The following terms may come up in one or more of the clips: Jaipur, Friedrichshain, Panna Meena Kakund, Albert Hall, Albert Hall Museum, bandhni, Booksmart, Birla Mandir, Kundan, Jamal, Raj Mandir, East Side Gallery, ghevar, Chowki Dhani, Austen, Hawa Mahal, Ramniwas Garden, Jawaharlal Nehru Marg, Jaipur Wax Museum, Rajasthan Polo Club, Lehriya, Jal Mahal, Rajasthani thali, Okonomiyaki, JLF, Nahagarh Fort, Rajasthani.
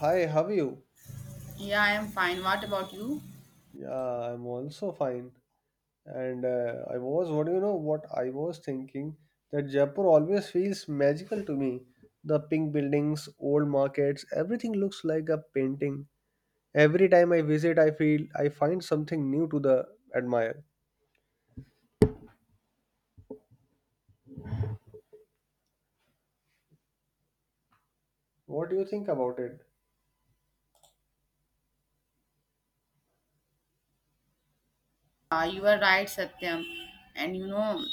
Hi, how are you? Yeah, I am fine. What about you? Yeah, I'm also fine. And I was, what do you know, what I was thinking that Jaipur always feels magical to me. The pink buildings, old markets, everything looks like a painting. Every time I visit, I feel I find something new to the admire. What do you think about it? You are right, Satyam. And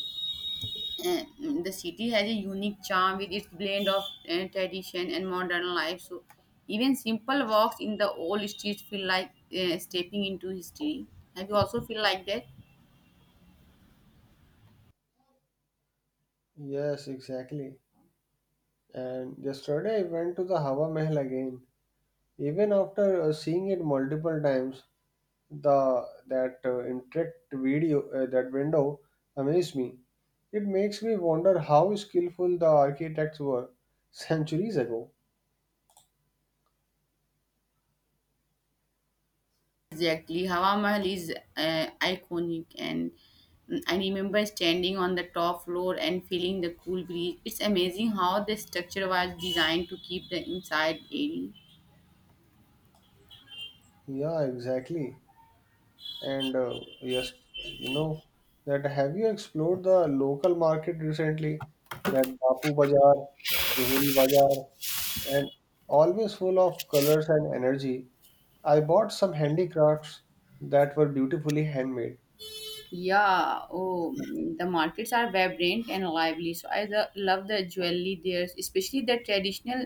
eh, the city has a unique charm with its blend of tradition and modern life. So, even simple walks in the old streets feel like stepping into history. Have you also feel like that? Yes, exactly. And yesterday I went to the Hawa Mahal again. Even after seeing it multiple times, the that interact video that window amazed me. It makes me wonder how skillful the architects were centuries ago. Exactly. Hawa Mahal is iconic, and I remember standing on the top floor and feeling the cool breeze. It's amazing how the structure was designed to keep the inside airy. Yeah, exactly. And yes, you know that have you explored the local market recently? That Bapu Bazaar, Johari Bazaar, and always full of colors and energy. I bought some handicrafts that were beautifully handmade. Yeah, oh, the markets are vibrant and lively. So I love the jewelry there, especially the traditional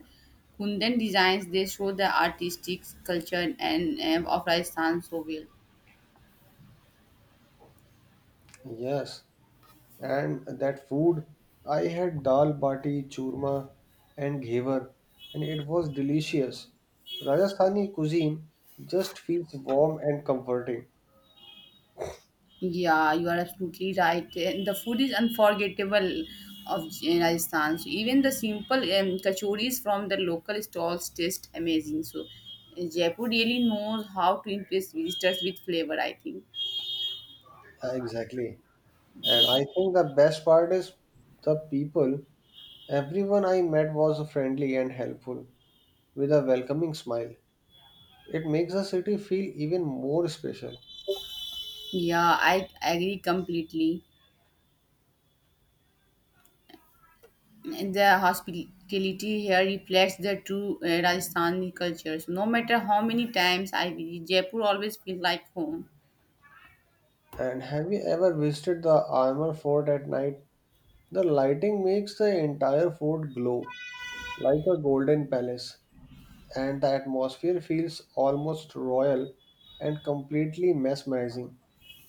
Kundan designs. They show the artistic culture and of Rajasthan so well. Yes, and that food, I had dal bati churma and ghevar, and it was delicious. Rajasthani cuisine just feels warm and comforting. Yeah, you are absolutely right. And the food is unforgettable of Rajasthan. So even the simple kachoris from the local stalls taste amazing. So Jaipur really knows how to impress visitors with flavor. I think. Yeah, exactly, and I think the best part is the people. Everyone I met was friendly and helpful, with a welcoming smile. It makes the city feel even more special. Yeah, I agree completely. The hospitality here reflects the true Rajasthani culture. So no matter how many times I visit, Jaipur always feels like home. And have you ever visited the armor fort at night? The lighting makes the entire fort glow like a golden palace, and the atmosphere feels almost royal and completely mesmerizing.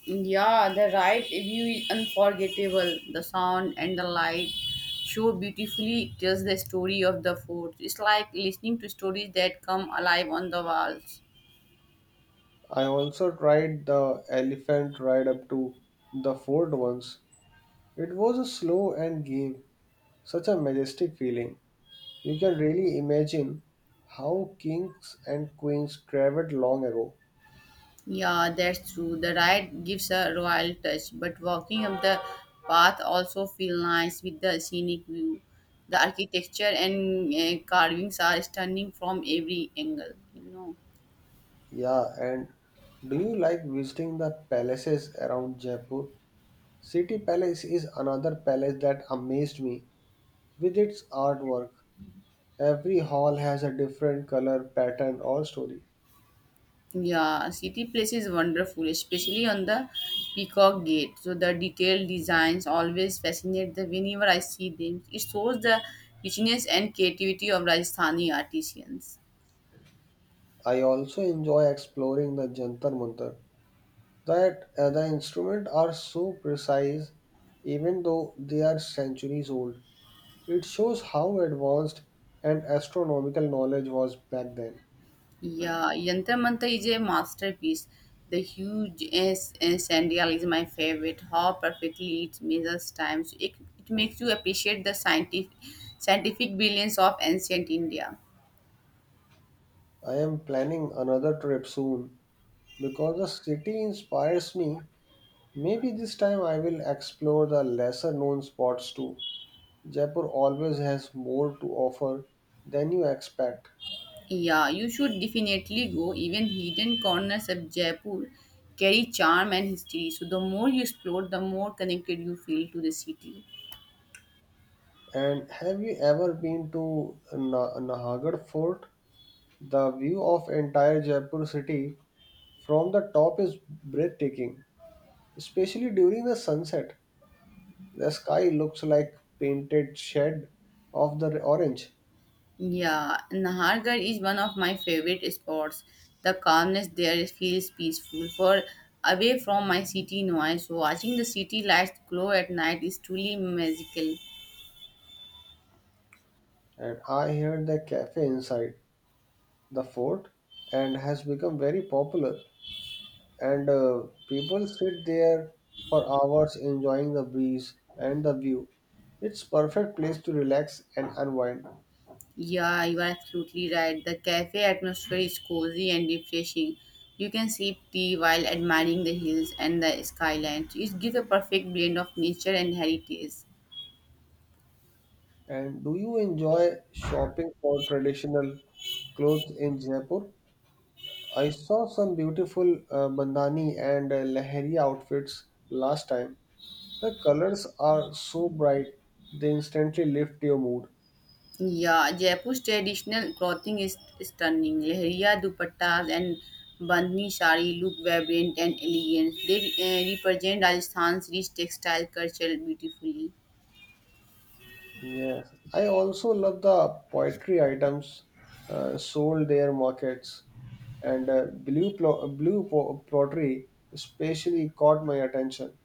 Yeah, the right view is unforgettable. The sound and the light show beautifully tells the story of the fort. It's like listening to stories that come alive on the walls. I also tried the elephant ride up to the fort once. It was a slow and gave such a majestic feeling. You can really imagine how kings and queens traveled long ago. Yeah, that's true. The ride gives a royal touch, but walking up the path also feel nice with the scenic view. The architecture and carvings are stunning from every angle. You know. Yeah, and do you like visiting the palaces around Jaipur? City Palace is another palace that amazed me. With its artwork, every hall has a different color, pattern, or story. Yeah, city place is wonderful, especially on the Peacock Gate. So the detailed designs always fascinate the whenever I see them. It shows the richness and creativity of Rajasthani artisans. I also enjoy exploring the Jantar Mantar. That the instruments are so precise, even though they are centuries old. It shows how advanced and astronomical knowledge was back then. Yeah, Yantra Mantra is a masterpiece. The huge S sandal is my favorite. How perfectly it measures time. So it makes you appreciate the scientific brilliance of ancient India. I am planning another trip soon because the city inspires me. Maybe this time I will explore the lesser known spots too. Jaipur always has more to offer than you expect. Yeah, you should definitely go. Even hidden corners of Jaipur carry charm and history. So the more you explore, the more connected you feel to the city. And have you ever been to Nahagarh Fort? The view of entire Jaipur city from the top is breathtaking, especially during the sunset. The sky looks like painted shed of the orange, Yeah, Nahargarh is one of my favorite spots. The calmness there feels peaceful. For away from my city noise, watching the city lights glow at night is truly magical. and I heard the cafe inside the fort and has become very popular. And people sit there for hours enjoying the breeze and the view. It's perfect place to relax and unwind. Yeah, you are absolutely right. The cafe atmosphere is cozy and refreshing. You can sip tea while admiring the hills and the skyline. So it gives a perfect blend of nature and heritage. And do you enjoy shopping for traditional clothes in Jaipur? I saw some beautiful bandhani and lahari outfits last time. The colors are so bright, they instantly lift your mood. Yeah, Jaipur's traditional clothing is stunning. Lehriya dupattas and bandhni sari look vibrant and elegant. They represent Rajasthan's rich textile culture beautifully. Yes, I also love the poetry items sold their markets, and blue plo- blue po- pottery especially caught my attention.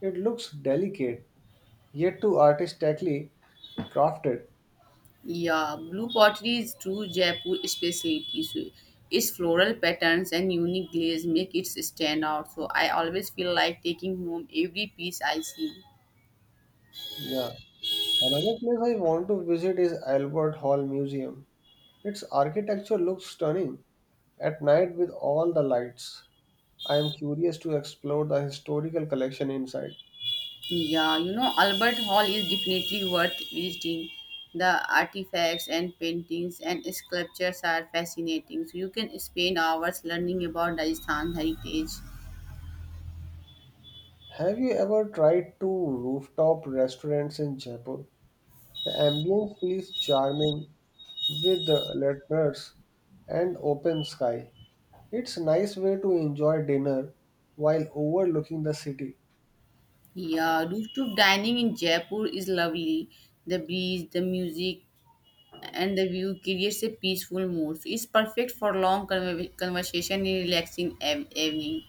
It looks delicate, yet too artistically crafted. Yeah, blue pottery is true Jaipur specialty. So its floral patterns and unique glaze make it stand out. So I always feel like taking home every piece I see. Yeah. Another place I want to visit is Albert Hall Museum. Its architecture looks stunning at night with all the lights. I am curious to explore the historical collection inside. Yeah, Albert Hall is definitely worth visiting. The artifacts and paintings and sculptures are fascinating. So you can spend hours learning about Rajasthan heritage. Have you ever tried two rooftop restaurants in Jaipur? The ambience feels charming with the lanterns and open sky. It's a nice way to enjoy dinner while overlooking the city. Yeah, rooftop dining in Jaipur is lovely. The breeze, the music, and the view creates a peaceful mood. So it's perfect for long conversation in relaxing evening.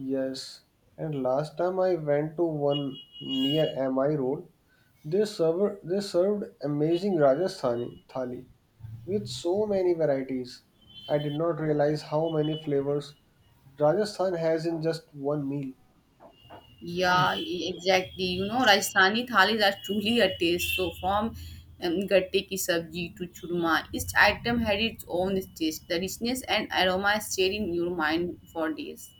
Yes, and last time I went to one near MI Road, they served amazing Rajasthani thali with so many varieties. I did not realize how many flavors Rajasthan has in just one meal. Yeah, exactly. You know, Rajasthani thalis are truly a taste. So, from gatte ki sabji to churma, each item had its own taste. The richness and aroma stayed in your mind for days.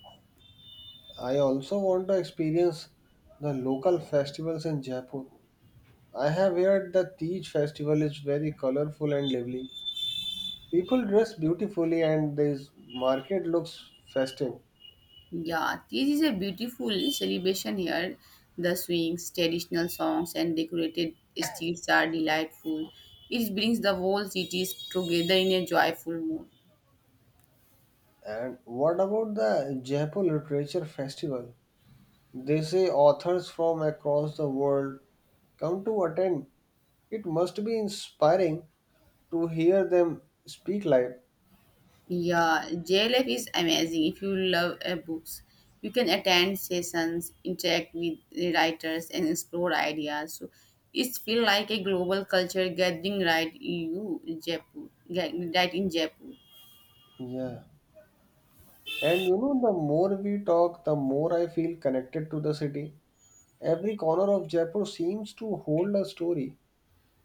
I also want to experience the local festivals in Jaipur. I have heard the Tej festival is very colorful and lively. People dress beautifully and this market looks festive. Yeah, this is a beautiful celebration here. The swings, traditional songs, and decorated streets are delightful. It brings the whole cities together in a joyful mood. And what about the Jaipur Literature Festival? They say authors from across the world come to attend. It must be inspiring to hear them speak live. Yeah, JLF is amazing. If you love books, you can attend sessions, interact with the writers, and explore ideas. So it's feel like a global culture gathering right you Jaipur, right in Jaipur. Yeah. And you know, the more we talk, the more I feel connected to the city. Every corner of Jaipur seems to hold a story.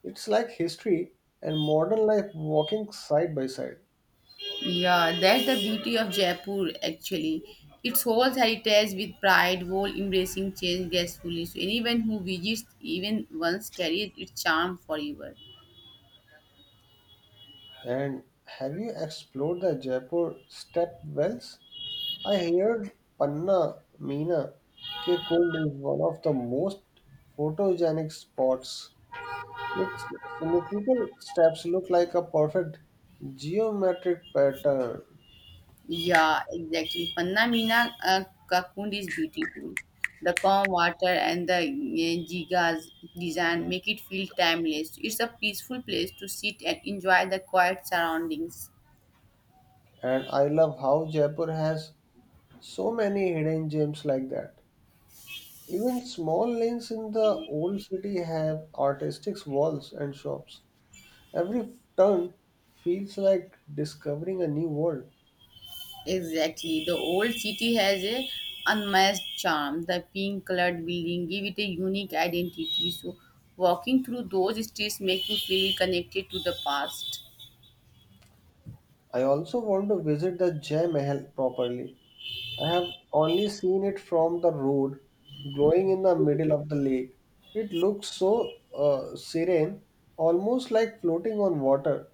It's like history and modern life walking side by side. Yeah, that's the beauty of Jaipur actually. Its whole heritage with pride, while embracing change gracefully. So anyone who visits even once carries its charm forever. And have you explored the Jaipur step wells? I heard Panna Meena Ke Kund is one of the most photogenic spots. Its symmetrical steps look like a perfect geometric pattern, Yeah, exactly. Panna Meena Kakund is beautiful. The calm water and the jiga's design make it feel timeless. It's a peaceful place to sit and enjoy the quiet surroundings. and I love how Jaipur has so many hidden gems like that. Even small lanes in the old city have artistic walls and shops. Every turn feels like discovering a new world. Exactly. The old city has a unmatched charm. The pink colored building give it a unique identity. So walking through those streets make you feel connected to the past. I also want to visit the Jai Mahal properly. I have only seen it from the road, glowing in the middle of the lake. It looks so serene, almost like floating on water.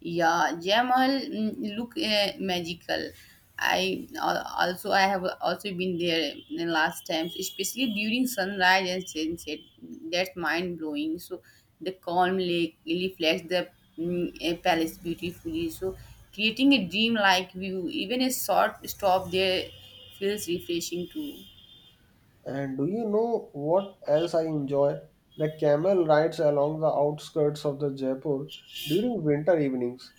Yeah, Jamal look magical. I have also been there in last times, especially during sunrise and sunset. That's mind blowing. So the calm lake reflects the palace beautifully. So creating a dream like view, even a short stop there feels refreshing too. And do you know what else I enjoy? The camel rides along the outskirts of the Jaipur during winter evenings.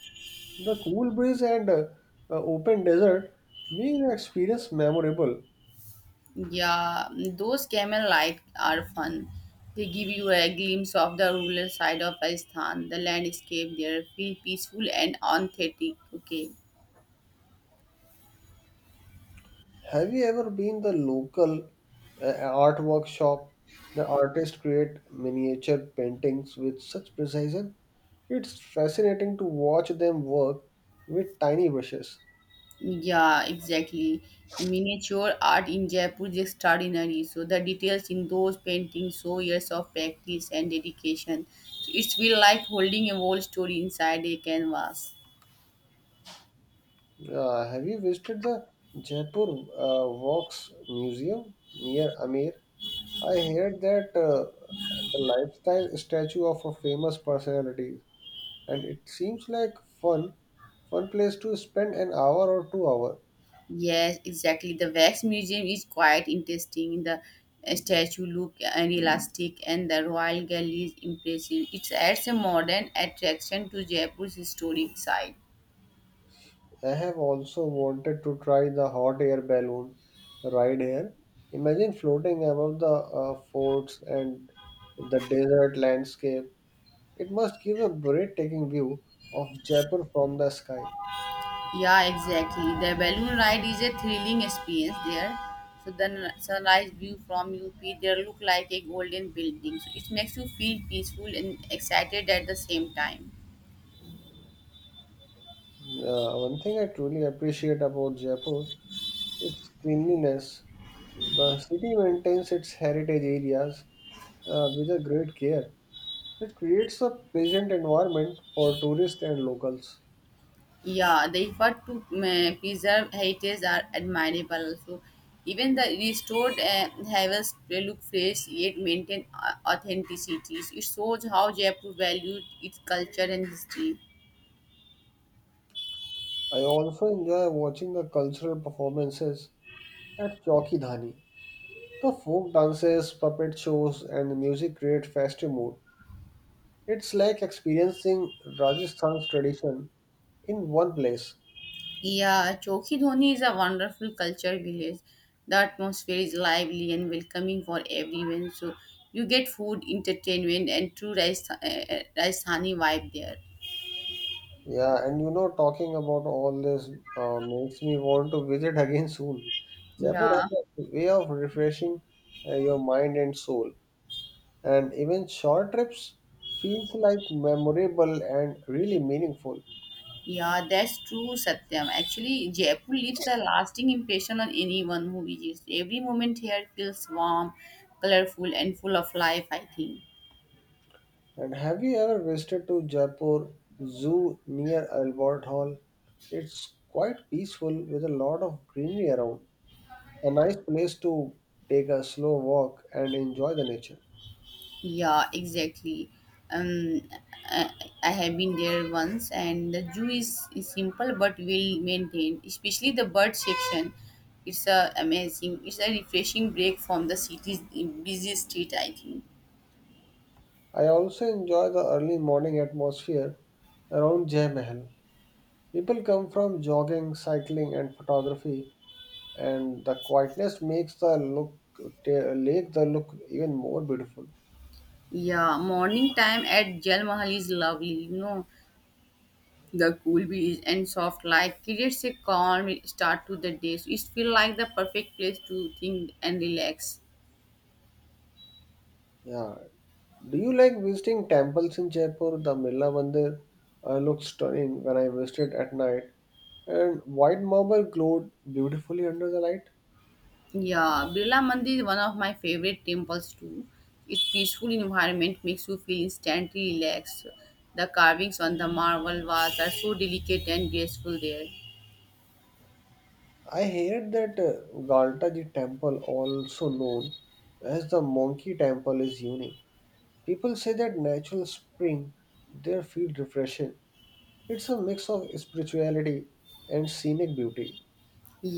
The cool breeze and open desert make the experience memorable. Yeah, those camel lights are fun. They give you a glimpse of the rural side of Pakistan, the landscape there, feel peaceful and authentic. Okay, Have you ever been the local art workshop? The artists create miniature paintings with such precision. It's fascinating to watch them work with tiny brushes. yeah, exactly. Miniature art in Jaipur is extraordinary. So the details in those paintings show years of practice and dedication. So it's feel like holding a whole story inside a canvas. Have you visited the Jaipur Wax Museum near Amir? I heard that the lifestyle statue of a famous personality, and it seems like fun, fun place to spend an hour or 2 hour. Yes, exactly. The Wax Museum is quite interesting. The statue look elastic, and the Royal Gallery is impressive. It adds a modern attraction to Jaipur's historic site. I have also wanted to try the hot air balloon ride here. Imagine floating above the forts and the desert landscape. It must give a breathtaking view of Jaipur from the sky. Yeah, exactly. The balloon ride is a thrilling experience there. So the sunrise view from UP there look like a golden building. So it makes you feel peaceful and excited at the same time. One thing I truly appreciate about Jaipur its cleanliness. The city maintains its heritage areas with a great care. It creates a pleasant environment for tourists and locals. Yeah, the effort to preserve heritage are admirable. So, even the restored harvest will look fresh yet maintain authenticity. It shows how Jaipur valued its culture and history. I also enjoy watching the cultural performances at Chowki Dhani. The folk dances, puppet shows, and the music create festive mood. It's like experiencing Rajasthan's tradition in one place. Yeah, Chokidhoni is a wonderful culture village. The atmosphere is lively and welcoming for everyone. So, you get food, entertainment, and true Rajasthani vibe there. Yeah, and you know, talking about all this makes me want to visit again soon. Jaipur has Yeah. a way of refreshing your mind and soul, and even short trips feels like memorable and really meaningful. Yeah, that's true, Satyam. Actually, Jaipur leaves a lasting impression on anyone who visits. Every moment here feels warm, colorful, and full of life, I think. And have you ever visited to Jaipur Zoo near Albert Hall? It's quite peaceful with a lot of greenery around. A nice place to take a slow walk and enjoy the nature. Yeah, exactly. Um, I, I have been there once, and the zoo is simple but well maintained, especially the bird section. It's amazing. It's a refreshing break from the city's busy street, I think. I also enjoy the early morning atmosphere around Jai Mahal. People come from jogging, cycling, and photography, and the quietness makes the look lake the look even more beautiful. Yeah, morning time at Jal Mahal is lovely. The cool breeze and soft light creates a calm start to the day. So it feels like the perfect place to think and relax. Yeah. Do you like visiting temples in Jaipur? The Milla Mandir looks stunning when I visited at night, and white marble glowed beautifully under the light. Yeah, Birla Mandir is one of my favorite temples too. Its peaceful environment makes you feel instantly relaxed. The carvings on the marble walls are so delicate and graceful there. I heard that Galtaji temple, also known as the Monkey Temple, is unique. People say that natural spring there feel refreshing. It's a mix of spirituality and scenic beauty.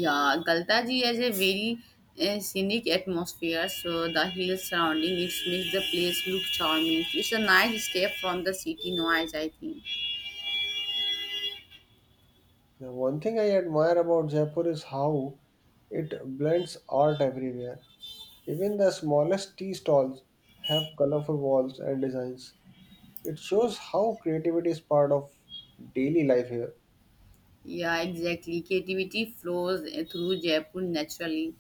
Yeah, Galtaji has a very scenic atmosphere, so the hills surrounding it makes the place look charming. It's a nice step from the city noise, I think. Now, one thing I admire about Jaipur is how it blends art everywhere. Even the smallest tea stalls have colorful walls and designs. It shows how creativity is part of daily life here. Yeah, exactly. Creativity flows through Jaipur naturally.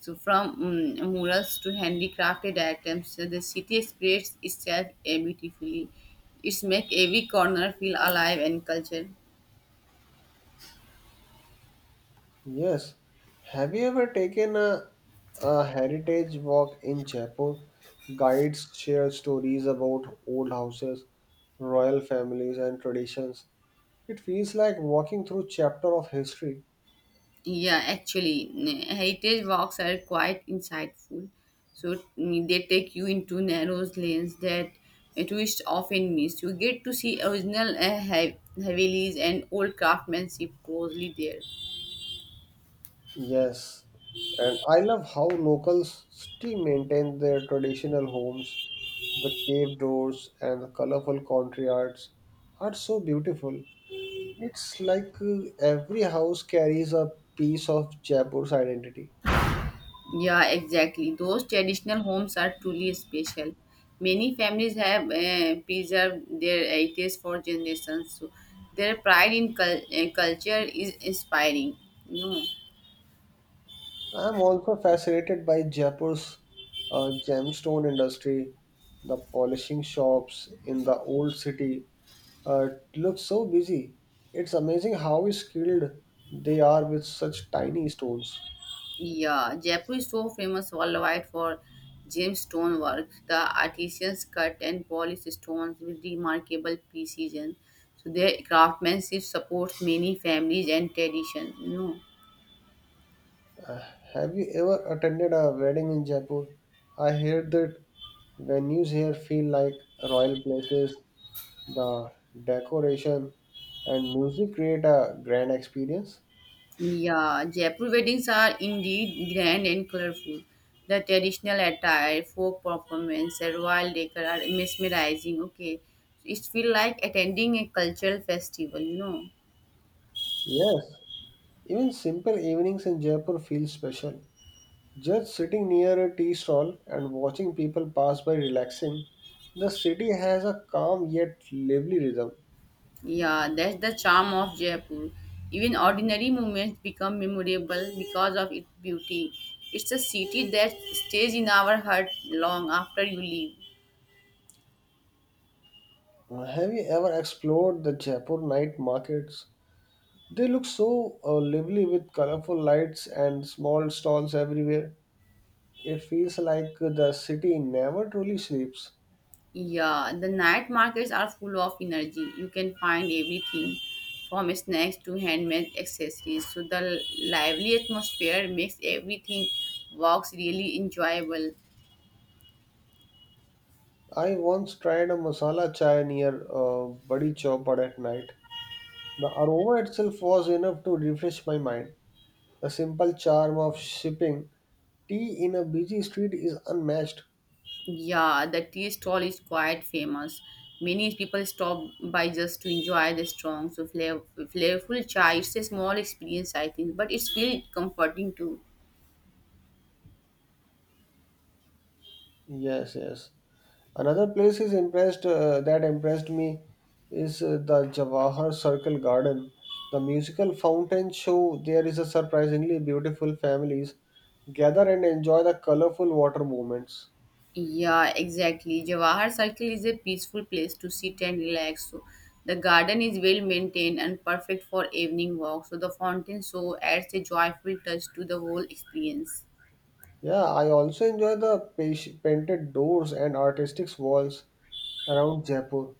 So, from murals to handicrafted items, so the city expresses itself beautifully. It's make every corner feel alive and cultured. Yes. Have you ever taken a heritage walk in Jaipur? Guides share stories about old houses, royal families, and traditions. It feels like walking through chapter of history. Yeah, actually, heritage walks are quite insightful. So they take you into narrow lanes that a tourist often miss. You get to see original Havelis and old craftsmanship closely there. Yes. And I love how locals still maintain their traditional homes. The cave doors and the colorful courtyards are so beautiful. It's like every house carries a piece of Jaipur's identity. Yeah, exactly. Those traditional homes are truly special. Many families have preserved their heritage for generations. So their pride in culture is inspiring. You know, I'm also fascinated by Jaipur's gemstone industry. The polishing shops in the old city uh, look so busy. It's amazing how skilled they are with such tiny stones. yeah, Jaipur is so famous worldwide for gemstone work. The artisans cut and polish stones with remarkable precision. So their craftsmanship supports many families and tradition. Have you ever attended a wedding in Jaipur? I hear that venues here feel like royal places. The decoration and music create a grand experience. Yeah, Jaipur weddings are indeed grand and colorful. The traditional attire, folk performance, and royal decor are mesmerizing. Okay, it feels like attending a cultural festival. Yes, even simple evenings in Jaipur feel special. Just sitting near a tea stall and watching people pass by relaxing, the city has a calm yet lively rhythm. Yeah, that's the charm of Jaipur. Even ordinary moments become memorable because of its beauty. It's a city that stays in our heart long after you leave. Have you ever explored the Jaipur night markets? They look so lively with colorful lights and small stalls everywhere. It feels like the city never truly sleeps. Yeah, the night markets are full of energy. You can find everything from snacks to handmade accessories. So the lively atmosphere makes everything walks really enjoyable. I once tried a masala chai near Badi Chowpad at night. The aroma itself was enough to refresh my mind. The simple charm of sipping tea in a busy street is unmatched. Yeah, the tea stall is quite famous. Many people stop by just to enjoy the strong, so flavorful chai. It's a small experience, I think, but it's really comforting too. Yes, yes. Another place is impressed that impressed me is the Jawahar Circle Garden. The musical fountain show there is a surprisingly beautiful families gather and enjoy the colorful water movements. Yeah, exactly. Jawahar Circle is a peaceful place to sit and relax. So the garden is well maintained and perfect for evening walk. So the fountain so adds a joyful touch to the whole experience. Yeah, I also enjoy the painted doors and artistic walls around Jaipur.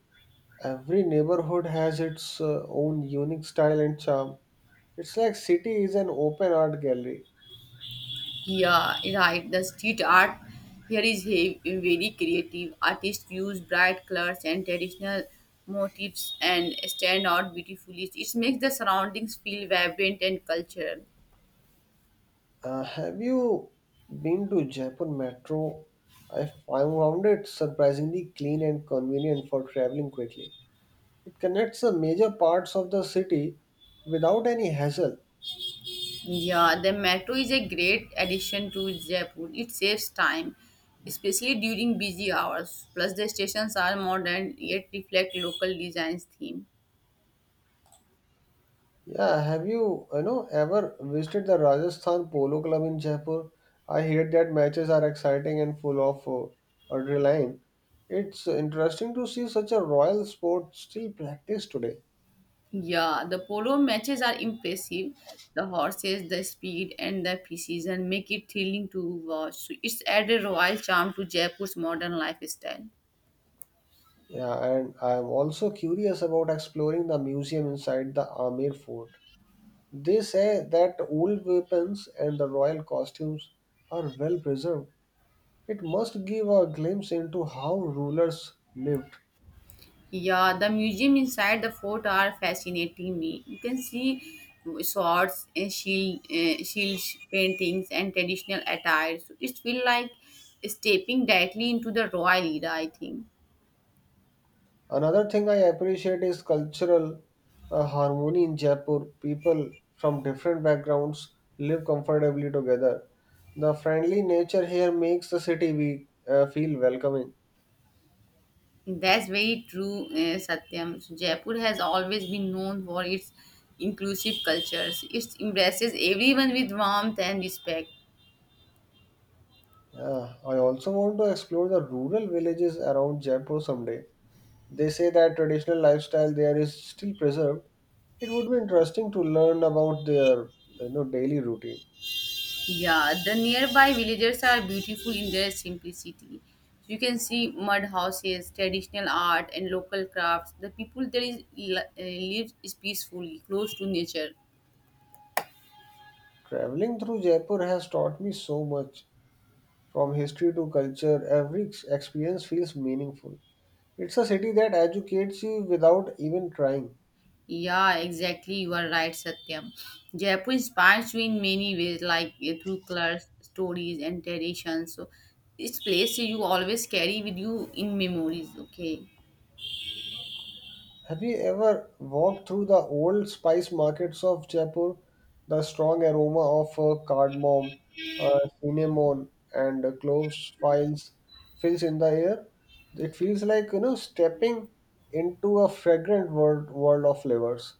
Every neighborhood has its own unique style and charm. It's like city is an open art gallery. Yeah, right. The street art here is very creative. Artists use bright colors and traditional motifs and stand out beautifully. It makes the surroundings feel vibrant and cultural. Have you been to Jaipur Metro? I found it surprisingly clean and convenient for traveling quickly. It connects the major parts of the city without any hassle. Yeah, the metro is a great addition to Jaipur. It saves time, especially during busy hours. Plus, the stations are modern yet reflect local design's theme. Yeah, have you ever visited the Rajasthan Polo Club in Jaipur? I hear that matches are exciting and full of adrenaline. It's interesting to see such a royal sport still practiced today. Yeah, the polo matches are impressive. The horses, the speed, and the precision make it thrilling to watch. So it's added royal charm to Jaipur's modern lifestyle. Yeah, and I'm also curious about exploring the museum inside the Amir fort. They say that old weapons and the royal costumes are well preserved. It must give a glimpse into how rulers lived. Yeah, the museum inside the fort are fascinating me. You can see swords and shield paintings and traditional attire. So it feels like stepping directly into the royal era, I think. Another thing I appreciate is cultural harmony in Jaipur. People from different backgrounds live comfortably together. The friendly nature here makes the city feel welcoming. That's very true, Satyam. So Jaipur has always been known for its inclusive cultures. It embraces everyone with warmth and respect. Yeah, I also want to explore the rural villages around Jaipur someday. They say that traditional lifestyle there is still preserved. It would be interesting to learn about their daily routine. Yeah, the nearby villages are beautiful in their simplicity. You can see mud houses, traditional art, and local crafts. The people there is lives is peacefully, close to nature. Traveling through Jaipur has taught me so much. From history to culture, experience feels meaningful. It's a city that educates you without even trying. Yeah, exactly. You are right, Satyam. Jaipur inspires you in many ways, like through colors, stories, and traditions. So, this place you always carry with you in memories. Okay. Have you ever walked through the old spice markets of Jaipur? The strong aroma of cardamom, cinnamon, and cloves files fills in the air. It feels like stepping into a fragrant world of flavors.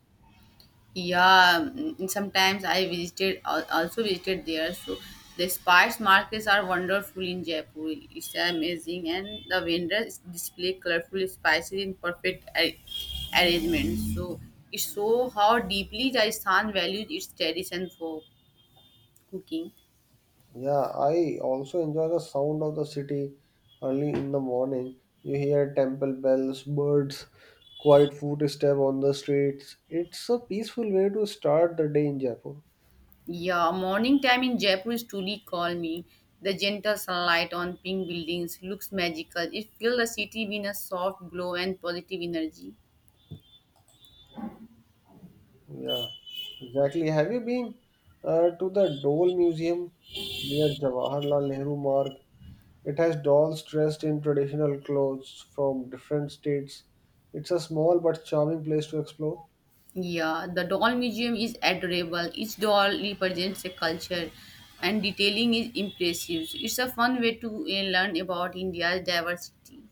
Yeah, sometimes I also visited there. So the spice markets are wonderful in Jaipur. It's amazing, and the vendors display colorful spices in perfect arrangement. So it shows how deeply Rajasthan values its tradition for cooking. Yeah, I also enjoy the sound of the city early in the morning. You hear temple bells, birds, quiet footstep on the streets. It's a peaceful way to start the day in Jaipur. Yeah, morning time in Jaipur is truly calming. The gentle sunlight on pink buildings looks magical. It fills the city with a soft glow and positive energy. Yeah, exactly. Have you been to the Dole Museum near Jawaharlal Nehru Marg? It has dolls dressed in traditional clothes from different states. It's a small but charming place to explore. Yeah, the doll museum is adorable. Each doll represents a culture and detailing is impressive. It's a fun way to learn about India's diversity.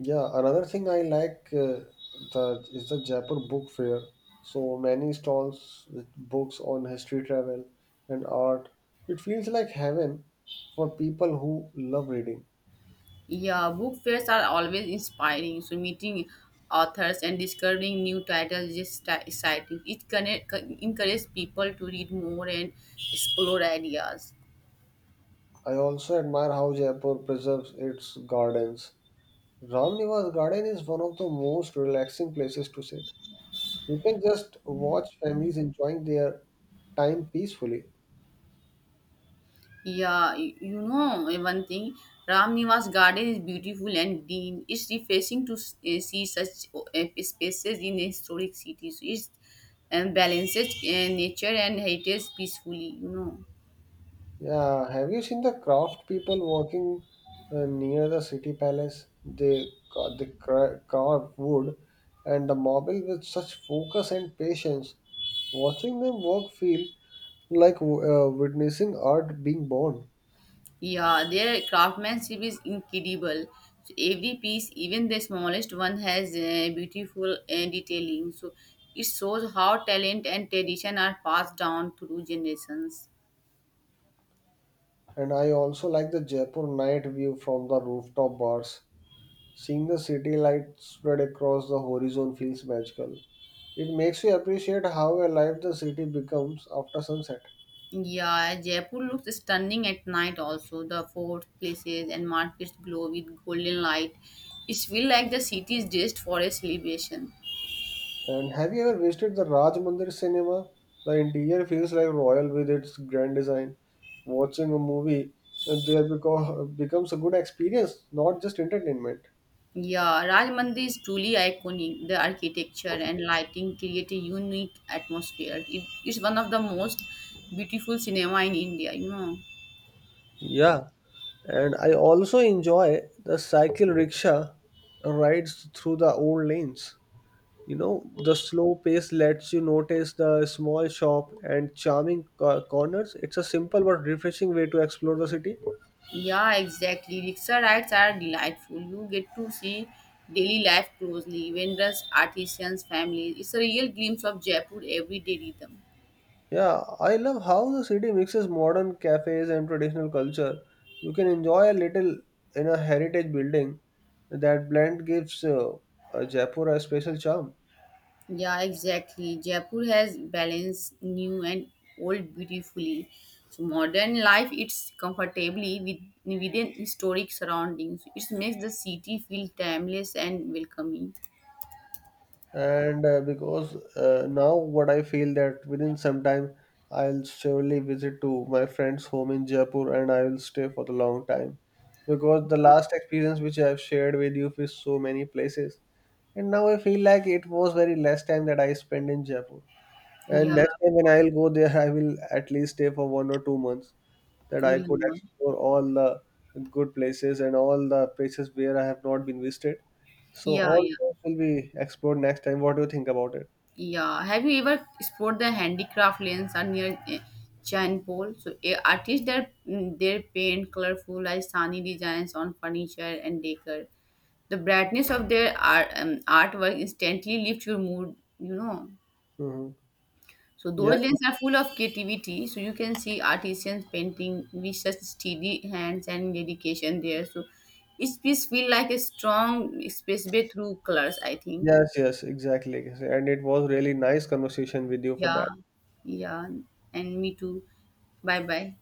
Yeah, another thing I like the is the Jaipur Book Fair. So many stalls with books on history, travel, and art. It feels like heaven for people who love reading. Yeah, book fairs are always inspiring. So meeting authors and discovering new titles is exciting. It encourages people to read more and explore ideas. I also admire how Jaipur preserves its gardens. Ramniwas Garden is one of the most relaxing places to sit. You can just watch families enjoying their time peacefully. Yeah, you know one thing, Ram Niwas garden is beautiful and green. It's refreshing to see such spaces in historic cities. It and balances nature and heritage peacefully. Yeah, have you seen the craft people working near the city palace? They carve wood and the marble with such focus and patience. Watching them work feel like witnessing art being born. Yeah, their craftsmanship is incredible. So every piece, even the smallest one, has beautiful detailing. So it shows how talent and tradition are passed down through generations. And I also like the Jaipur night view from the rooftop bars. Seeing the city lights spread across the horizon feels magical. It makes you appreciate how alive the city becomes after sunset. Yeah, Jaipur looks stunning at night also. The forts, places and markets glow with golden light. It feels like the city is dressed for a celebration. And have you ever visited the Raj Mandir cinema? The interior feels like royal with its grand design. Watching a movie there becomes a good experience, not just entertainment. Yeah, Raj Mandir is truly iconic. The architecture and lighting create a unique atmosphere. It is one of the most beautiful cinema in India. Yeah, and I also enjoy the cycle rickshaw rides through the old lanes. You know, the slow pace lets you notice the small shop and corners. It's a simple but refreshing way to explore the city. Yeah, exactly. Rickshaw rides are delightful. You get to see daily life closely, vendors, artisans, families. It's a real glimpse of Jaipur everyday rhythm. Yeah, I love how the city mixes modern cafes and traditional culture. You can enjoy a little in a heritage building. That blend gives Jaipur a special charm. Yeah, exactly. Jaipur has balanced new and old beautifully. So modern life it's comfortably within historic surroundings. It makes the city feel timeless and welcoming. And because now what I feel that within some time, I'll surely visit to my friend's home in Jaipur and I will stay for the long time, because the last experience which I've shared with you is so many places, and now I feel like it was very less time that I spent in Jaipur. And Yeah, next time when I'll go there, I will at least stay for 1 or 2 months, that yeah, I could yeah, explore all the good places and all the places where I have not been visited. So yeah. all Yeah. those will be explored next time. What do you think about it? Yeah, have you ever explored the handicraft lanes are near Jainpol? So artists there they paint colorful like sunny designs on furniture and decor. The brightness of their artwork instantly lifts your mood. Hmm. So those Yes, yes, lanes are full of creativity. So you can see artisans painting with such steady hands and dedication there. So it just feel like a strong expressway through colors, I think. yes, yes, exactly. And it was really nice conversation with you for Yeah, that. yeah, and me too. Bye bye.